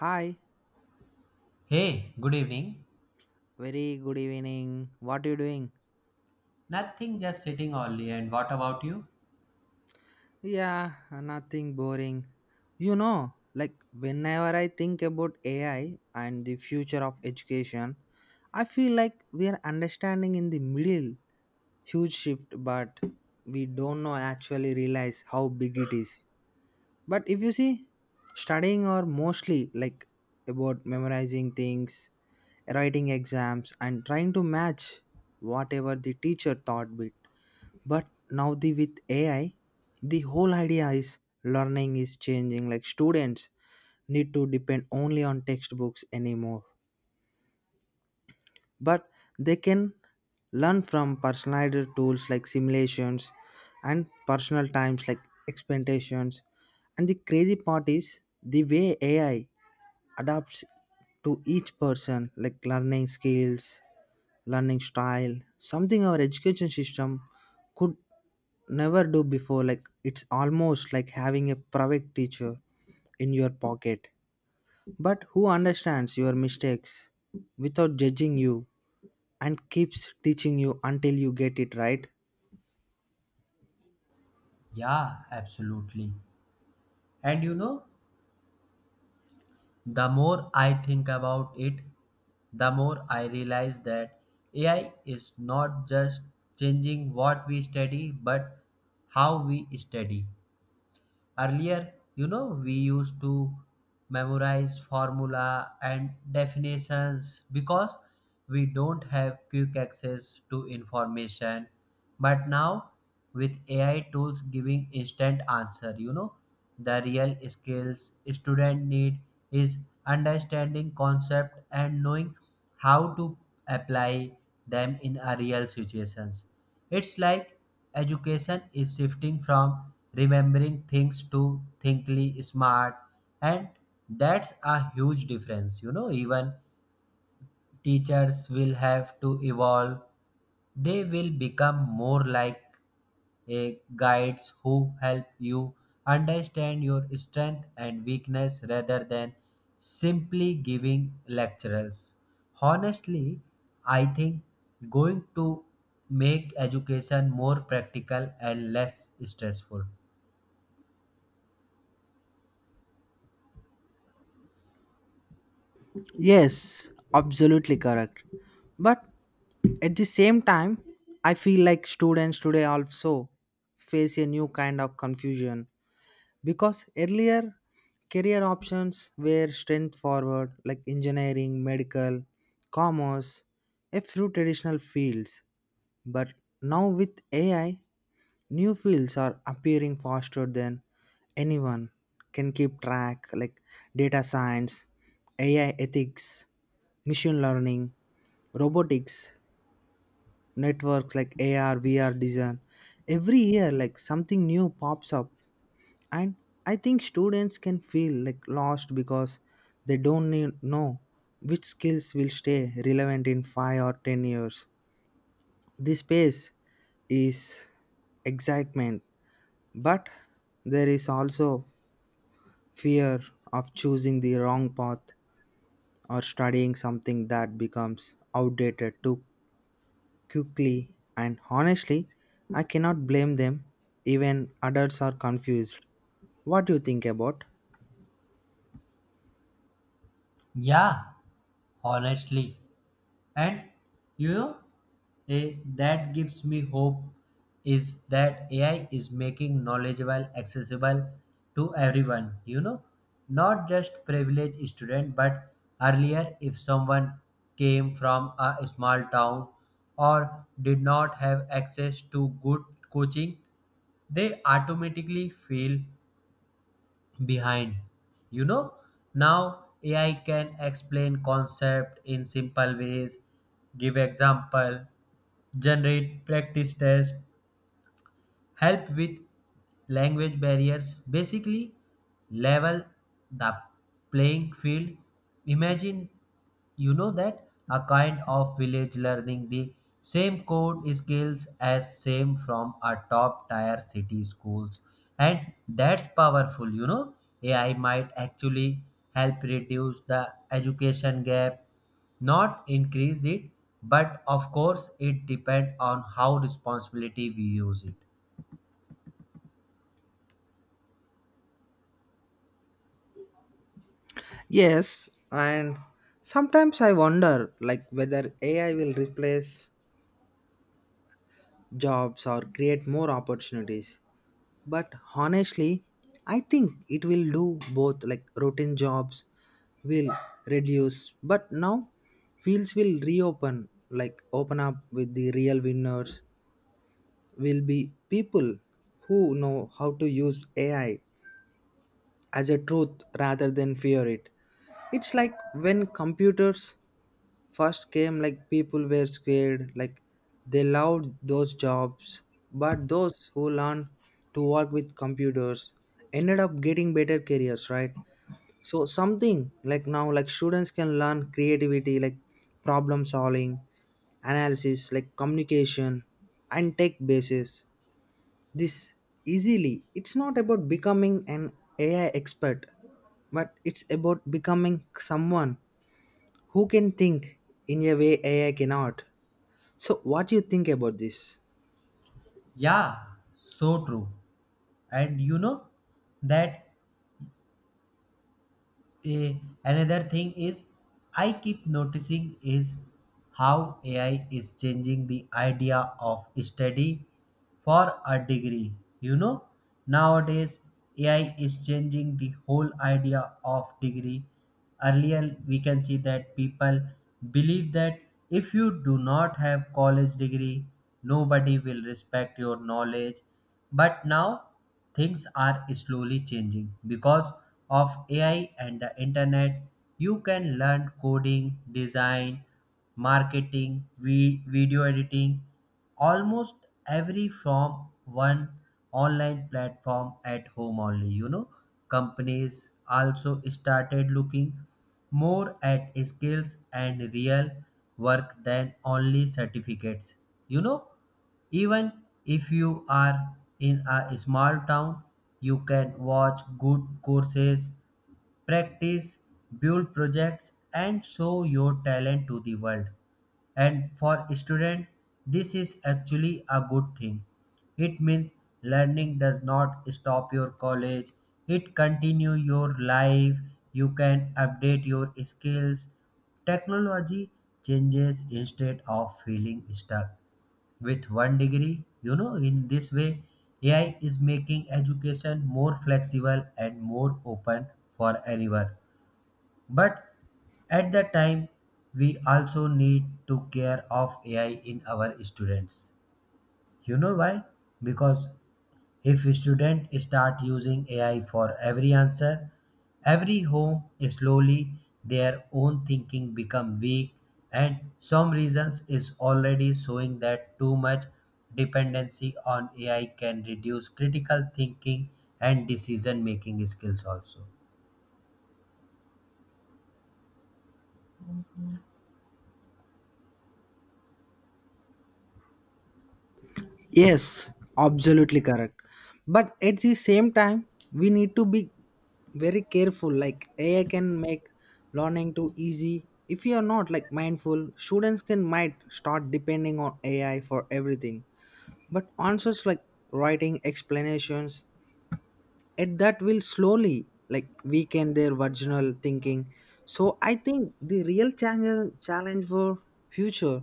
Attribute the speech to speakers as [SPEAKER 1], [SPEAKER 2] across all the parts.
[SPEAKER 1] Hi,
[SPEAKER 2] Hey, good evening.
[SPEAKER 1] very good evening. What are you doing?
[SPEAKER 2] Nothing, just sitting only. And what about you?
[SPEAKER 1] Yeah, nothing boring. Like whenever I think about AI and the future of education, I feel like we are understanding in the middle huge shift, but we don't know actually realize how big it is. But if you see, studying are mostly like about memorizing things, writing exams, and trying to match whatever the teacher taught. Bit. But now the with ai the whole idea is learning is changing like students need to depend only on textbooks anymore but they can learn from personalized tools like simulations and personal times like expectations. And the crazy part is the way ai adapts to each person like learning skills learning style something our education system could never do before like it's almost like having a private teacher in your pocket but who understands your mistakes without judging you and keeps teaching you until you get it right.
[SPEAKER 2] Yeah, absolutely. And the more I think about it, the more I realize that AI is not just changing what we study, but how we study. Earlier, we used to memorize formula and definitions because we don't have quick access to information. But now, with AI tools giving instant answer, the real skills student need is understanding concept and knowing how to apply them in a real situations. It's like education is shifting from remembering things to thinkly smart, and that's a huge difference. Even teachers will have to evolve. They will become more like a guides who help you understand your strength and weakness rather than simply giving lectures. Honestly, I think going to make education more practical and less stressful.
[SPEAKER 1] Yes, absolutely correct. But at the same time, I feel like students today also face a new kind of confusion because earlier career options were strength forward like engineering, medical, commerce, a few traditional fields. But now with ai new fields are appearing faster than anyone can keep track like data science, ai ethics, machine learning, robotics, networks like ar vr design. Every year like something new pops up, and I think students can feel like lost because they don't know which skills will stay relevant in 5 or 10 years. This space is excitement but there is also fear of choosing the wrong path or studying something that becomes outdated too quickly. And honestly, I cannot blame them. Even adults are confused. What do you think about?
[SPEAKER 2] Yeah, honestly. And you know, that gives me hope is that AI is making knowledgeable accessible to everyone, not just privileged student, but earlier if someone came from a small town or did not have access to good coaching, they automatically feel behind. You know, now AI can explain concept in simple ways, give example, generate practice test, help with language barriers, basically, level the playing field. Imagine that a kind of village learning the same code skills as same from a top tier city schools, and that's powerful. AI might actually help reduce the education gap, not increase it. But of course, it depends on how responsibility we use it.
[SPEAKER 1] Yes, and sometimes I wonder like whether AI will replace jobs or create more opportunities. But honestly, I think it will do both like routine jobs will reduce, but now fields will reopen like open up with the real winners will be people who know how to use AI as a truth rather than fear it. It's like when computers first came like people were scared, like they loved those jobs, but those who learned to work with computers ended up getting better careers, right? So something like now, like students can learn creativity, like problem solving, analysis, like communication, and tech basis. This easily. It's not about becoming an AI expert, but it's about becoming someone who can think in a way AI cannot. So, what do you think about this?
[SPEAKER 2] Yeah, so true. And that eh, another thing is I keep noticing is how AI is changing the idea of study for a degree. You know, nowadays AI is changing the whole idea of degree. Earlier, we can see that people believe that if you do not have college degree, nobody will respect your knowledge. But now, things are slowly changing because of AI and the internet. You can learn coding, design, marketing, video editing, almost every from one online platform at home only. Companies also started looking more at skills and real work than only certificates. You know, Even if you are in a small town, you can watch good courses, practice, build projects, and show your talent to the world. And for students, this is actually a good thing. It means learning does not stop your college. It continue your life. You can update your skills. Technology changes instead of feeling stuck with one degree. In this way, AI is making education more flexible and more open for anyone. But at the time, we also need to care of AI in our students. You know why? Because if students start using AI for every answer, every home slowly their own thinking become weak, and some reasons is already showing that too much dependency on AI can reduce critical thinking and decision making skills also.
[SPEAKER 1] Yes, absolutely correct. But at the same time, we need to be very careful. Like AI can make learning too easy. If you are not like mindful, students can might start depending on AI for everything. But answers like writing explanations and that will slowly like weaken their original thinking. So I think the real challenge for future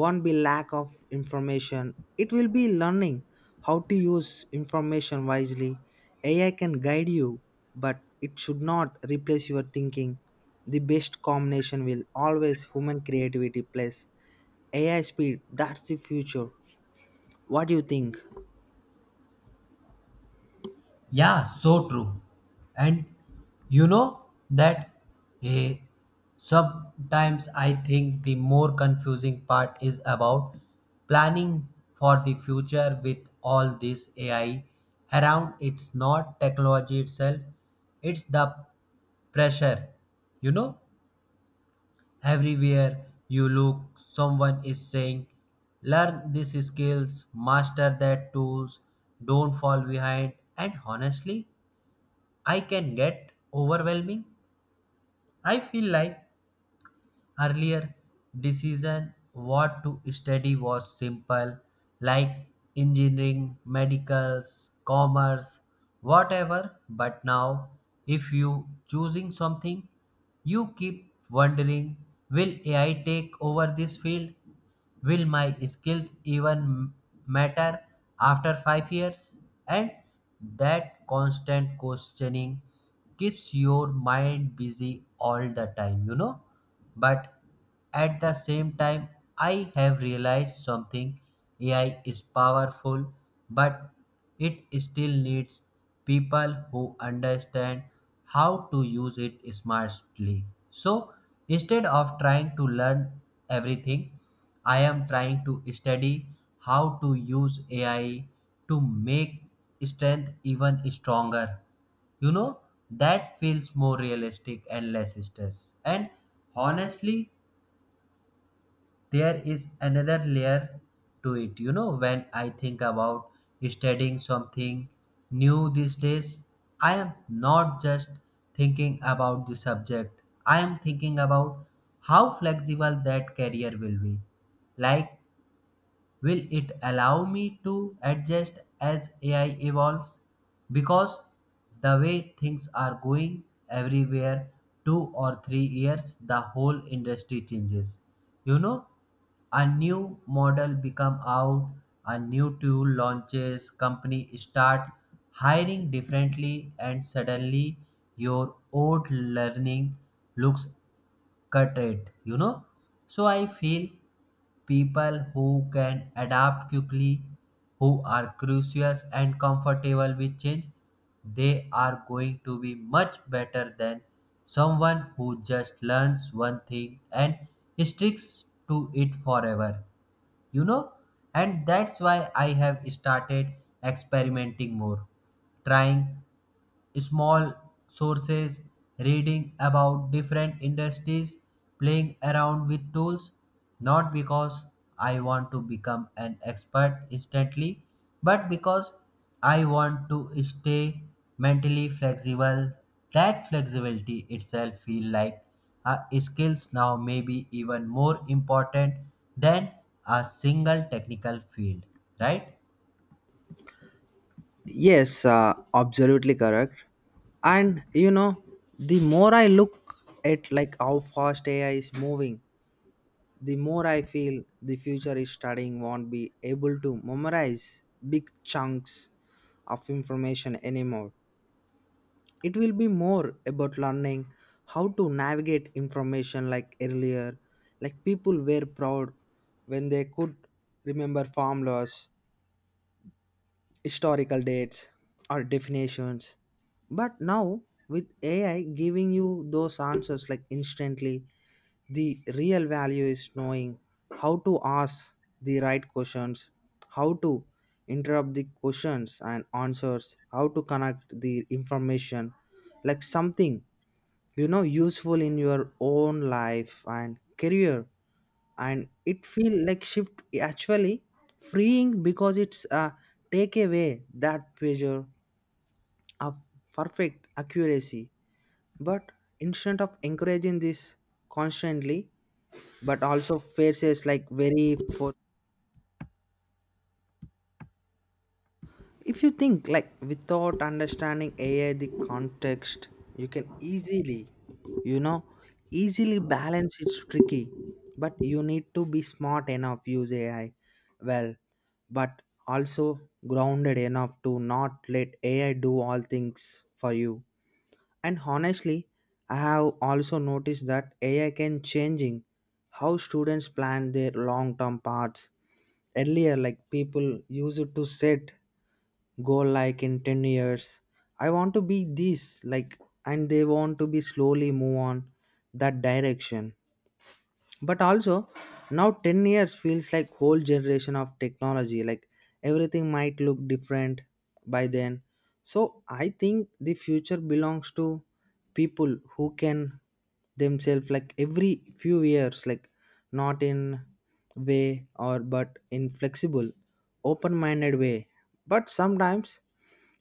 [SPEAKER 1] won't be lack of information. It will be learning how to use information wisely. Ai can guide you, but it should not replace your thinking. The best combination will always human creativity plus ai speed. That's the future. What do you think?
[SPEAKER 2] Yeah, so true. And you know that eh, sometimes I think the more confusing part is about planning for the future with all this AI around. It's not technology itself, it's the pressure. You know, Everywhere you look, someone is saying, learn these skills, master that tools, don't fall behind. And honestly, I can get overwhelming. I feel like earlier decision what to study was simple, like engineering, medicals, commerce, whatever. But now, if you choosing something, you keep wondering, will AI take over this field? Will my skills even matter after 5 years? And that constant questioning keeps your mind busy all the time. But at the same time, I have realized something. AI is powerful, but it still needs people who understand how to use it smartly. So instead of trying to learn everything, I am trying to study how to use AI to make strength even stronger. You know, that feels more realistic and less stress. And honestly, there is another layer to it. When I think about studying something new these days, I am not just thinking about the subject, I am thinking about how flexible that career will be, like will it allow me to adjust as AI evolves? Because the way things are going everywhere, 2 or 3 years, the whole industry changes. You know, a new model become out, a new tool launches, company start hiring differently, and suddenly your old learning looks cut it. So I feel people who can adapt quickly, who are curious and comfortable with change, they are going to be much better than someone who just learns one thing and sticks to it forever. You know, and that's why I have started experimenting more, trying small sources, reading about different industries, playing around with tools, not because I want to become an expert instantly, but because I want to stay mentally flexible. That flexibility itself feel like a skills now may be even more important than a single technical field, right?
[SPEAKER 1] Yes, absolutely correct. And you know, the more I look at like how fast AI is moving, the more I feel the future is studying won't be able to memorize big chunks of information anymore. It will be more about learning how to navigate information like earlier, like people were proud when they could remember formulas, historical dates or definitions. But now, with AI giving you those answers like instantly, the real value is knowing how to ask the right questions, how to interrupt the questions and answers, how to connect the information like something you know useful in your own life and career. And it feel like shift actually freeing because it's take away that pressure of perfect accuracy. But instead of encouraging this constantly but also faces like very for if you think like without understanding ai the context you can easily, you know, easily balance. It's tricky, but you need to be smart enough use ai well, but also grounded enough to not let ai do all things for you. And honestly, I have also noticed that ai can changing how students plan their long term paths. Earlier like people used to set goal like in 10 years I want to be this like, and they want to be slowly move on that direction. But also now 10 years feels like whole generation of technology like everything might look different by then. So I think the future belongs to people who can themselves like every few years like, not in way or but in flexible open minded way. But sometimes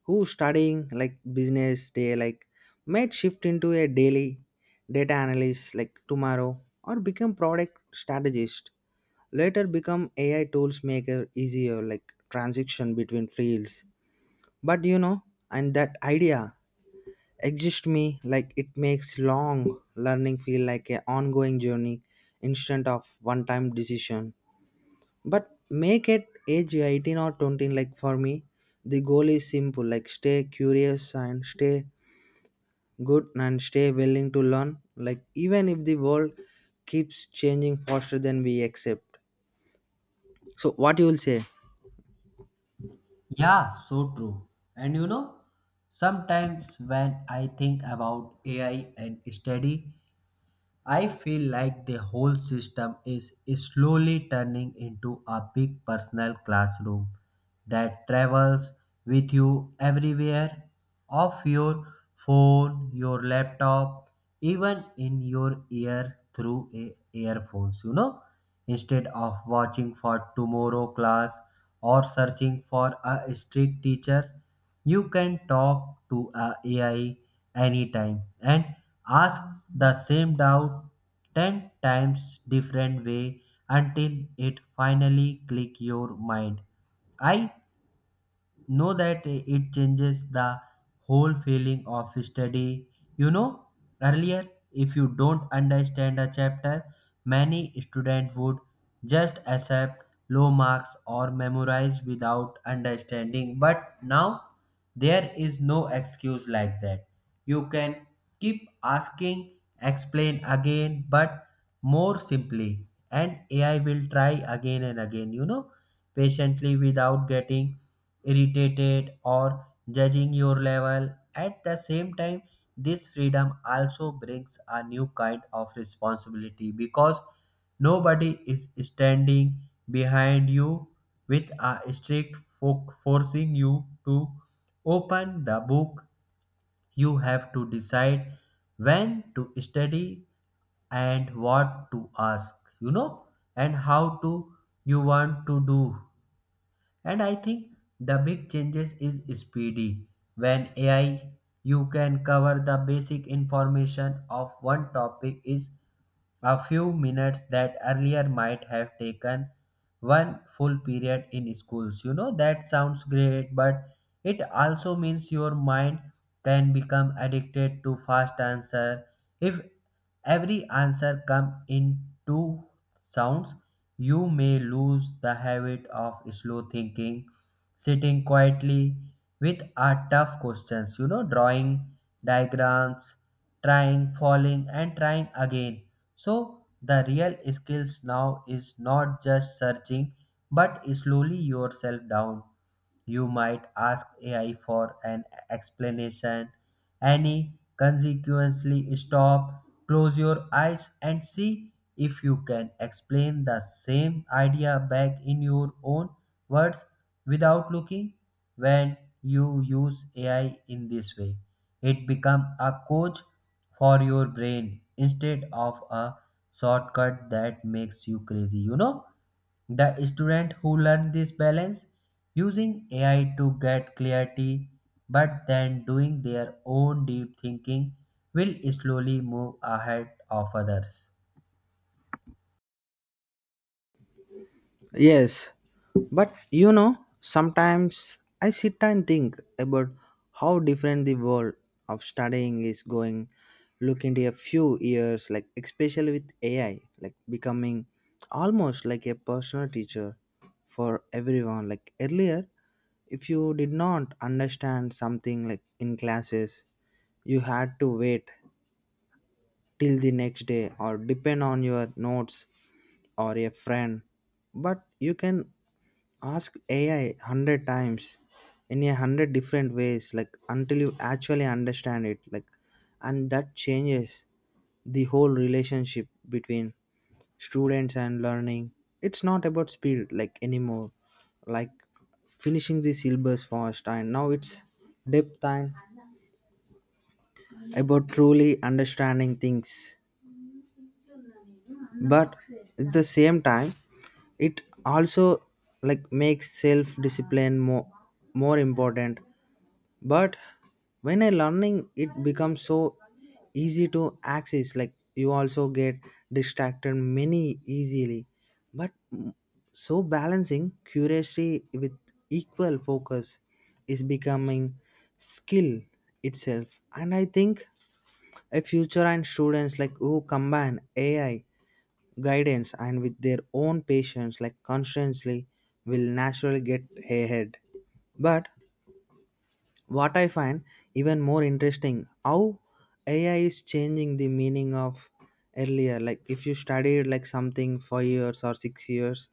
[SPEAKER 1] who studying like business day like might shift into a daily data analyst like tomorrow or become product strategist later become ai tools maker easier like transition between fields. But you know, and that idea exists me like it makes long learning feel like a ongoing journey instead of one time decision. But make it age 18 or 20 like for me the goal is simple like stay curious and stay good and stay willing to learn like even if the world keeps changing faster than we accept. So what you will say?
[SPEAKER 2] Yeah, so true. And sometimes when I think about AI and study, I feel like the whole system is slowly turning into a big personal classroom that travels with you everywhere off your phone, your laptop, even in your ear through earphones. Instead of watching for tomorrow class or searching for a strict teacher, you can talk to a AI anytime and ask the same doubt 10 times different way until it finally click your mind. I know that it changes the whole feeling of study. You know earlier, if you don't understand a chapter, many students would just accept low marks or memorize without understanding. But now, there is no excuse like that. You can keep asking explain again but more simply, and AI will try again and again, patiently, without getting irritated or judging your level. At the same time, this freedom also brings a new kind of responsibility because nobody is standing behind you with a strict forcing you to open the book. You have to decide when to study and what to ask, you know, and how to you want to do. And I think the big changes is speedy. When AI you can cover the basic information of one topic is a few minutes that earlier might have taken one full period in schools. That sounds great, but it also means your mind can become addicted to fast answer. If every answer come in two sounds, you may lose the habit of slow thinking, sitting quietly with a tough questions, drawing diagrams, trying, falling and trying again, so the real skills now is not just searching but slowly yourself down. You might ask AI for an explanation, any consequently stop, close your eyes, and see if you can explain the same idea back in your own words without looking when you use AI in this way. It becomes a coach for your brain instead of a shortcut that makes you crazy. The student who learn this balance using AI to get clarity but then doing their own deep thinking will slowly move ahead of others.
[SPEAKER 1] Yes, but you know, sometimes I sit and think about how different the world of studying is going look into a few years, like especially with AI, like becoming almost like a personal teacher for everyone. Like earlier, if you did not understand something like in classes, you had to wait till the next day or depend on your notes or a friend. But you can ask ai 100 times in a 100 different ways like until you actually understand it like. And that changes the whole relationship between students and learning. It's not about speed like anymore like finishing the syllabus fast, and now it's depth time about truly understanding things. But at the same time it also like makes self discipline more important. But when I learning it becomes so easy to access like you also get distracted many easily. but mm, so balancing curiosity with equal focus is becoming skill itself. And I think a future and students like who combine ai guidance and with their own patience like constantly will naturally get ahead. But what I find even more interesting how ai is changing the meaning of earlier like, if you studied like something for years or 6 years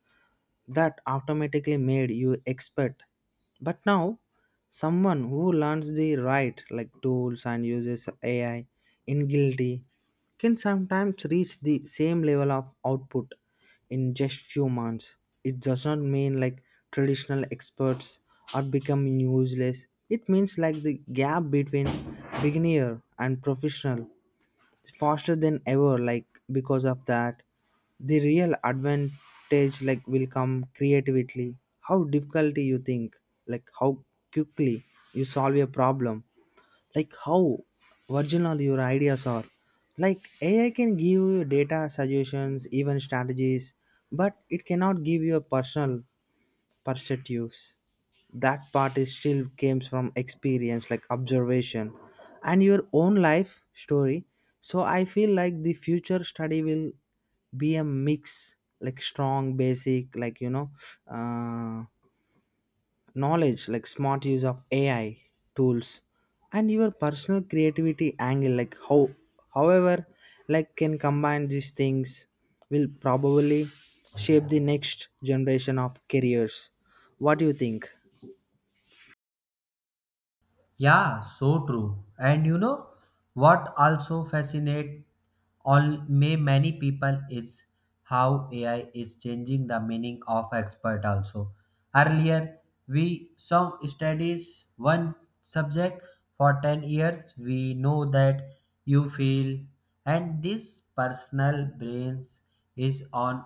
[SPEAKER 1] that automatically made you expert. But now someone who learns the right like tools and uses ai in guilty can sometimes reach the same level of output in just few months. It does not mean like traditional experts are becoming useless. It means like the gap between beginner and professional is faster than ever like. Because of that the real advantage like will come creatively how difficulty you think like, how quickly you solve a problem like, how original your ideas are like. Ai can give you data suggestions even strategies, but it cannot give you a personal perspectives. That part is still comes from experience like observation and your own life story. So I feel like the future study will be a mix like strong basic like you know, uh, knowledge like smart use of ai tools and your personal creativity angle like how however like can combine these things will probably shape the next generation of careers. What do you think?
[SPEAKER 2] Yeah, so true. And you know what also fascinates all may many people is how AI is changing the meaning of expert also. Earlier we some studies one subject for 10 years we know that you feel, and this personal brains is on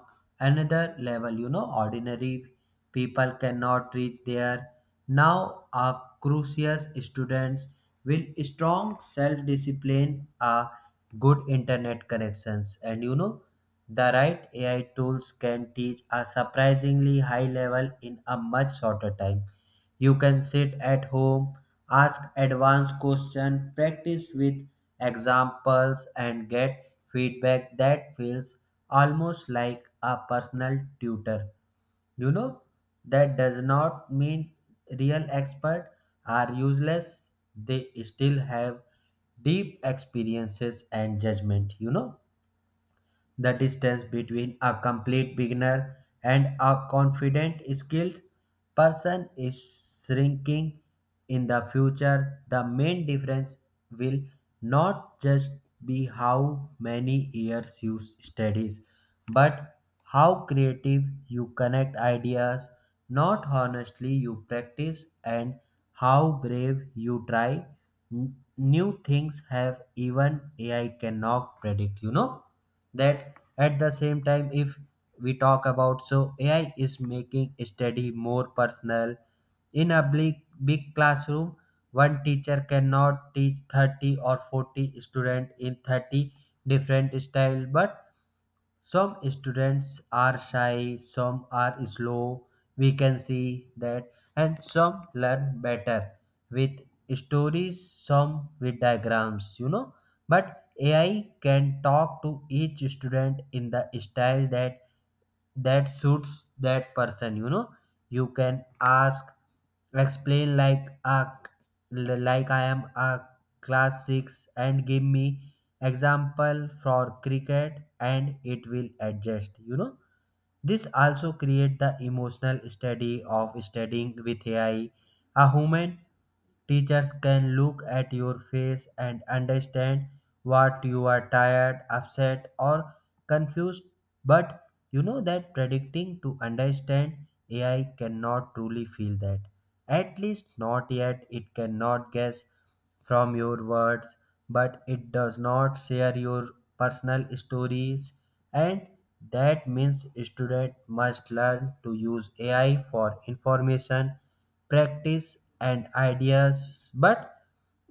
[SPEAKER 2] another level. Ordinary people cannot reach there. Now, a crucius students will strong self-discipline, a good internet connections, and the right AI tools can teach a surprisingly high level in a much shorter time. You can sit at home, ask advanced question, practice with examples, and get feedback that feels almost like a personal tutor. You know, that does not mean real experts are useless. They still have deep experiences and judgment. The distance between a complete beginner and a confident, skilled person is shrinking in the future. The main difference will not just be how many years you studies, but how creative you connect ideas, not honestly you practice, and how brave you try. New things have even AI cannot predict? That at the same time if we talk about so AI is making study more personal in a big, big classroom. One teacher cannot teach 30 or 40 students in 30 different style, but some students are shy, some are slow, we can see that, and some learn better with stories, some with diagrams. But AI can talk to each student in the style that suits that person. You can ask explain like a, like I am a class 6 and give me example for cricket, and it will adjust. This also create the emotional study of studying with AI. A human teachers can look at your face and understand what you are tired, upset, or confused. But you know that predicting to understand AI cannot truly feel that. At least not yet. It cannot guess from your words, but it does not share your personal stories, and that means student must learn to use AI for information, practice, and ideas. But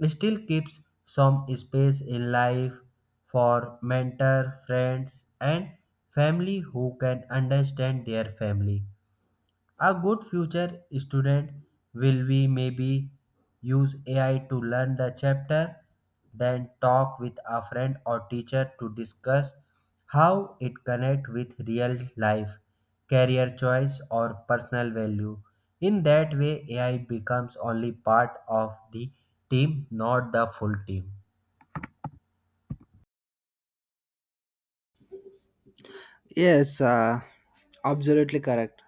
[SPEAKER 2] still keeps some space in life for mentor, friends, and family who can understand their family. A good future student will be maybe use AI to learn the chapter, then talk with a friend or teacher to discuss how it connect with real life, career choice or personal value. In that way, AI becomes only part of the team, not the full team.
[SPEAKER 1] Yes, absolutely correct.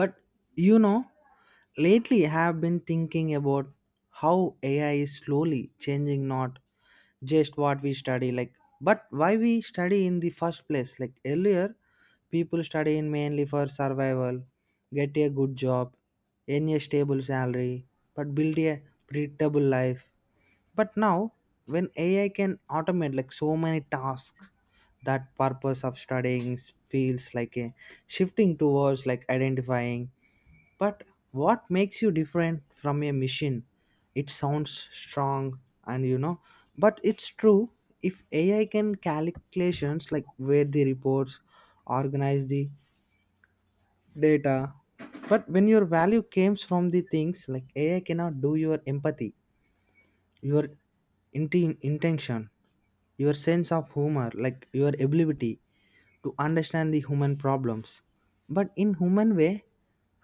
[SPEAKER 1] But you know, lately I have been thinking about how ai is slowly changing not just what we study like, but why we study in the first place. Like earlier people study in mainly for survival, get a good job, earn a stable salary, but build a predictable life. But now when ai can automate like so many tasks that purpose of studying feels like a shifting towards like identifying but what makes you different from a machine? It sounds strong and you know, but it's true. If AI can calculations like where the reports, organize the data, but when your value comes from the things like AI cannot do your empathy, your intention, your sense of humor, like your ability to understand the human problems. But in human way,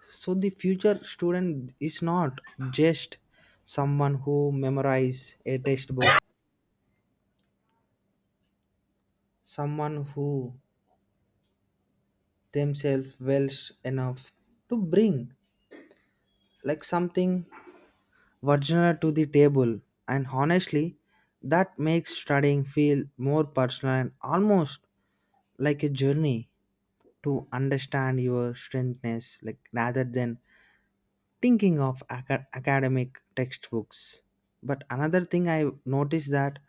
[SPEAKER 1] so the future student is not just someone who memorize a textbook, someone who themselves well enough to bring like something original to the table. And honestly, that makes studying feel more personal and almost like a journey to understand your strengthness like rather than thinking of academic textbooks. But another thing I noticed that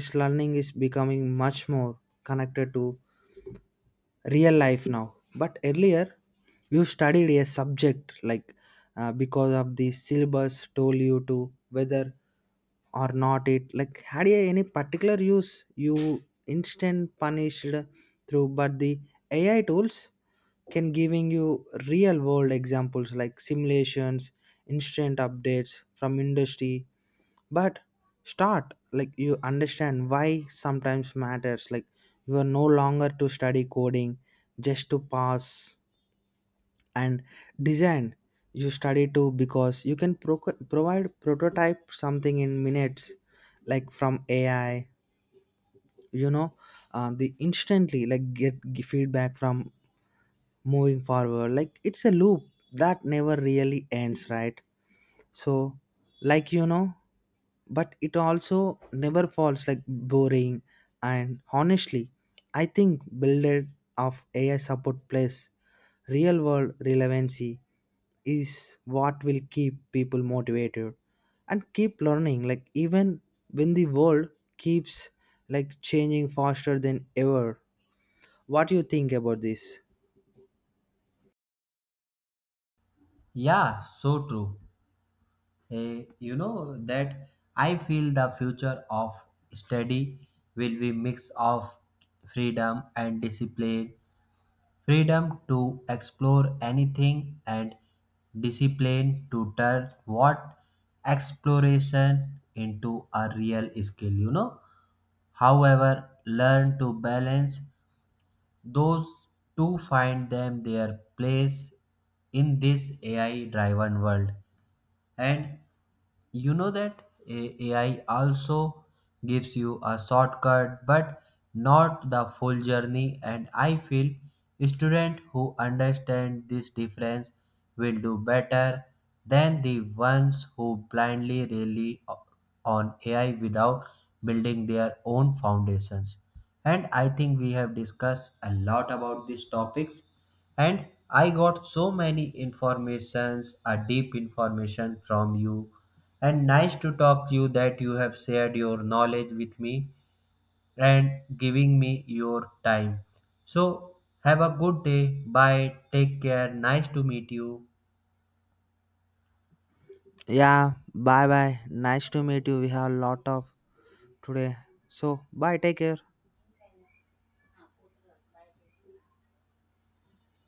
[SPEAKER 1] is learning is becoming much more connected to real life now. But earlier you studied a subject like, because of the syllabus told you to whether or not it like had a any particular use you instant punished through. But the ai tools can giving you real world examples like simulations, instant updates from industry, but start like you understand why sometimes matters like. You are no longer to study coding just to pass and design you study too because you can provide prototype something in minutes like from ai, you know, the instantly like get feedback from moving forward like it's a loop that never really ends, right? So like you know, but it also never falls like boring. And honestly, I think build of ai support plus real world relevancy is what will keep people motivated and keep learning like even when the world keeps like changing faster than ever. What do you think about this?
[SPEAKER 2] Yeah, so true. Hey, you know that I feel the future of study will be mix of freedom and discipline, freedom to explore anything and discipline to turn what exploration into a real skill. However, learn to balance those two find them their place in this AI driven world. And you know that AI also gives you a shortcut but not the full journey, and I feel students who understand this difference will do better than the ones who blindly rely on AI without building their own foundations. And I think we have discussed a lot about these topics, and I got so many informations, a deep information from you, and nice to talk to you that you have shared your knowledge with me and giving me your time. So have a good day, bye, take care, nice to meet you.
[SPEAKER 1] Yeah, bye bye, nice to meet you. We have a lot of today, so bye, take care.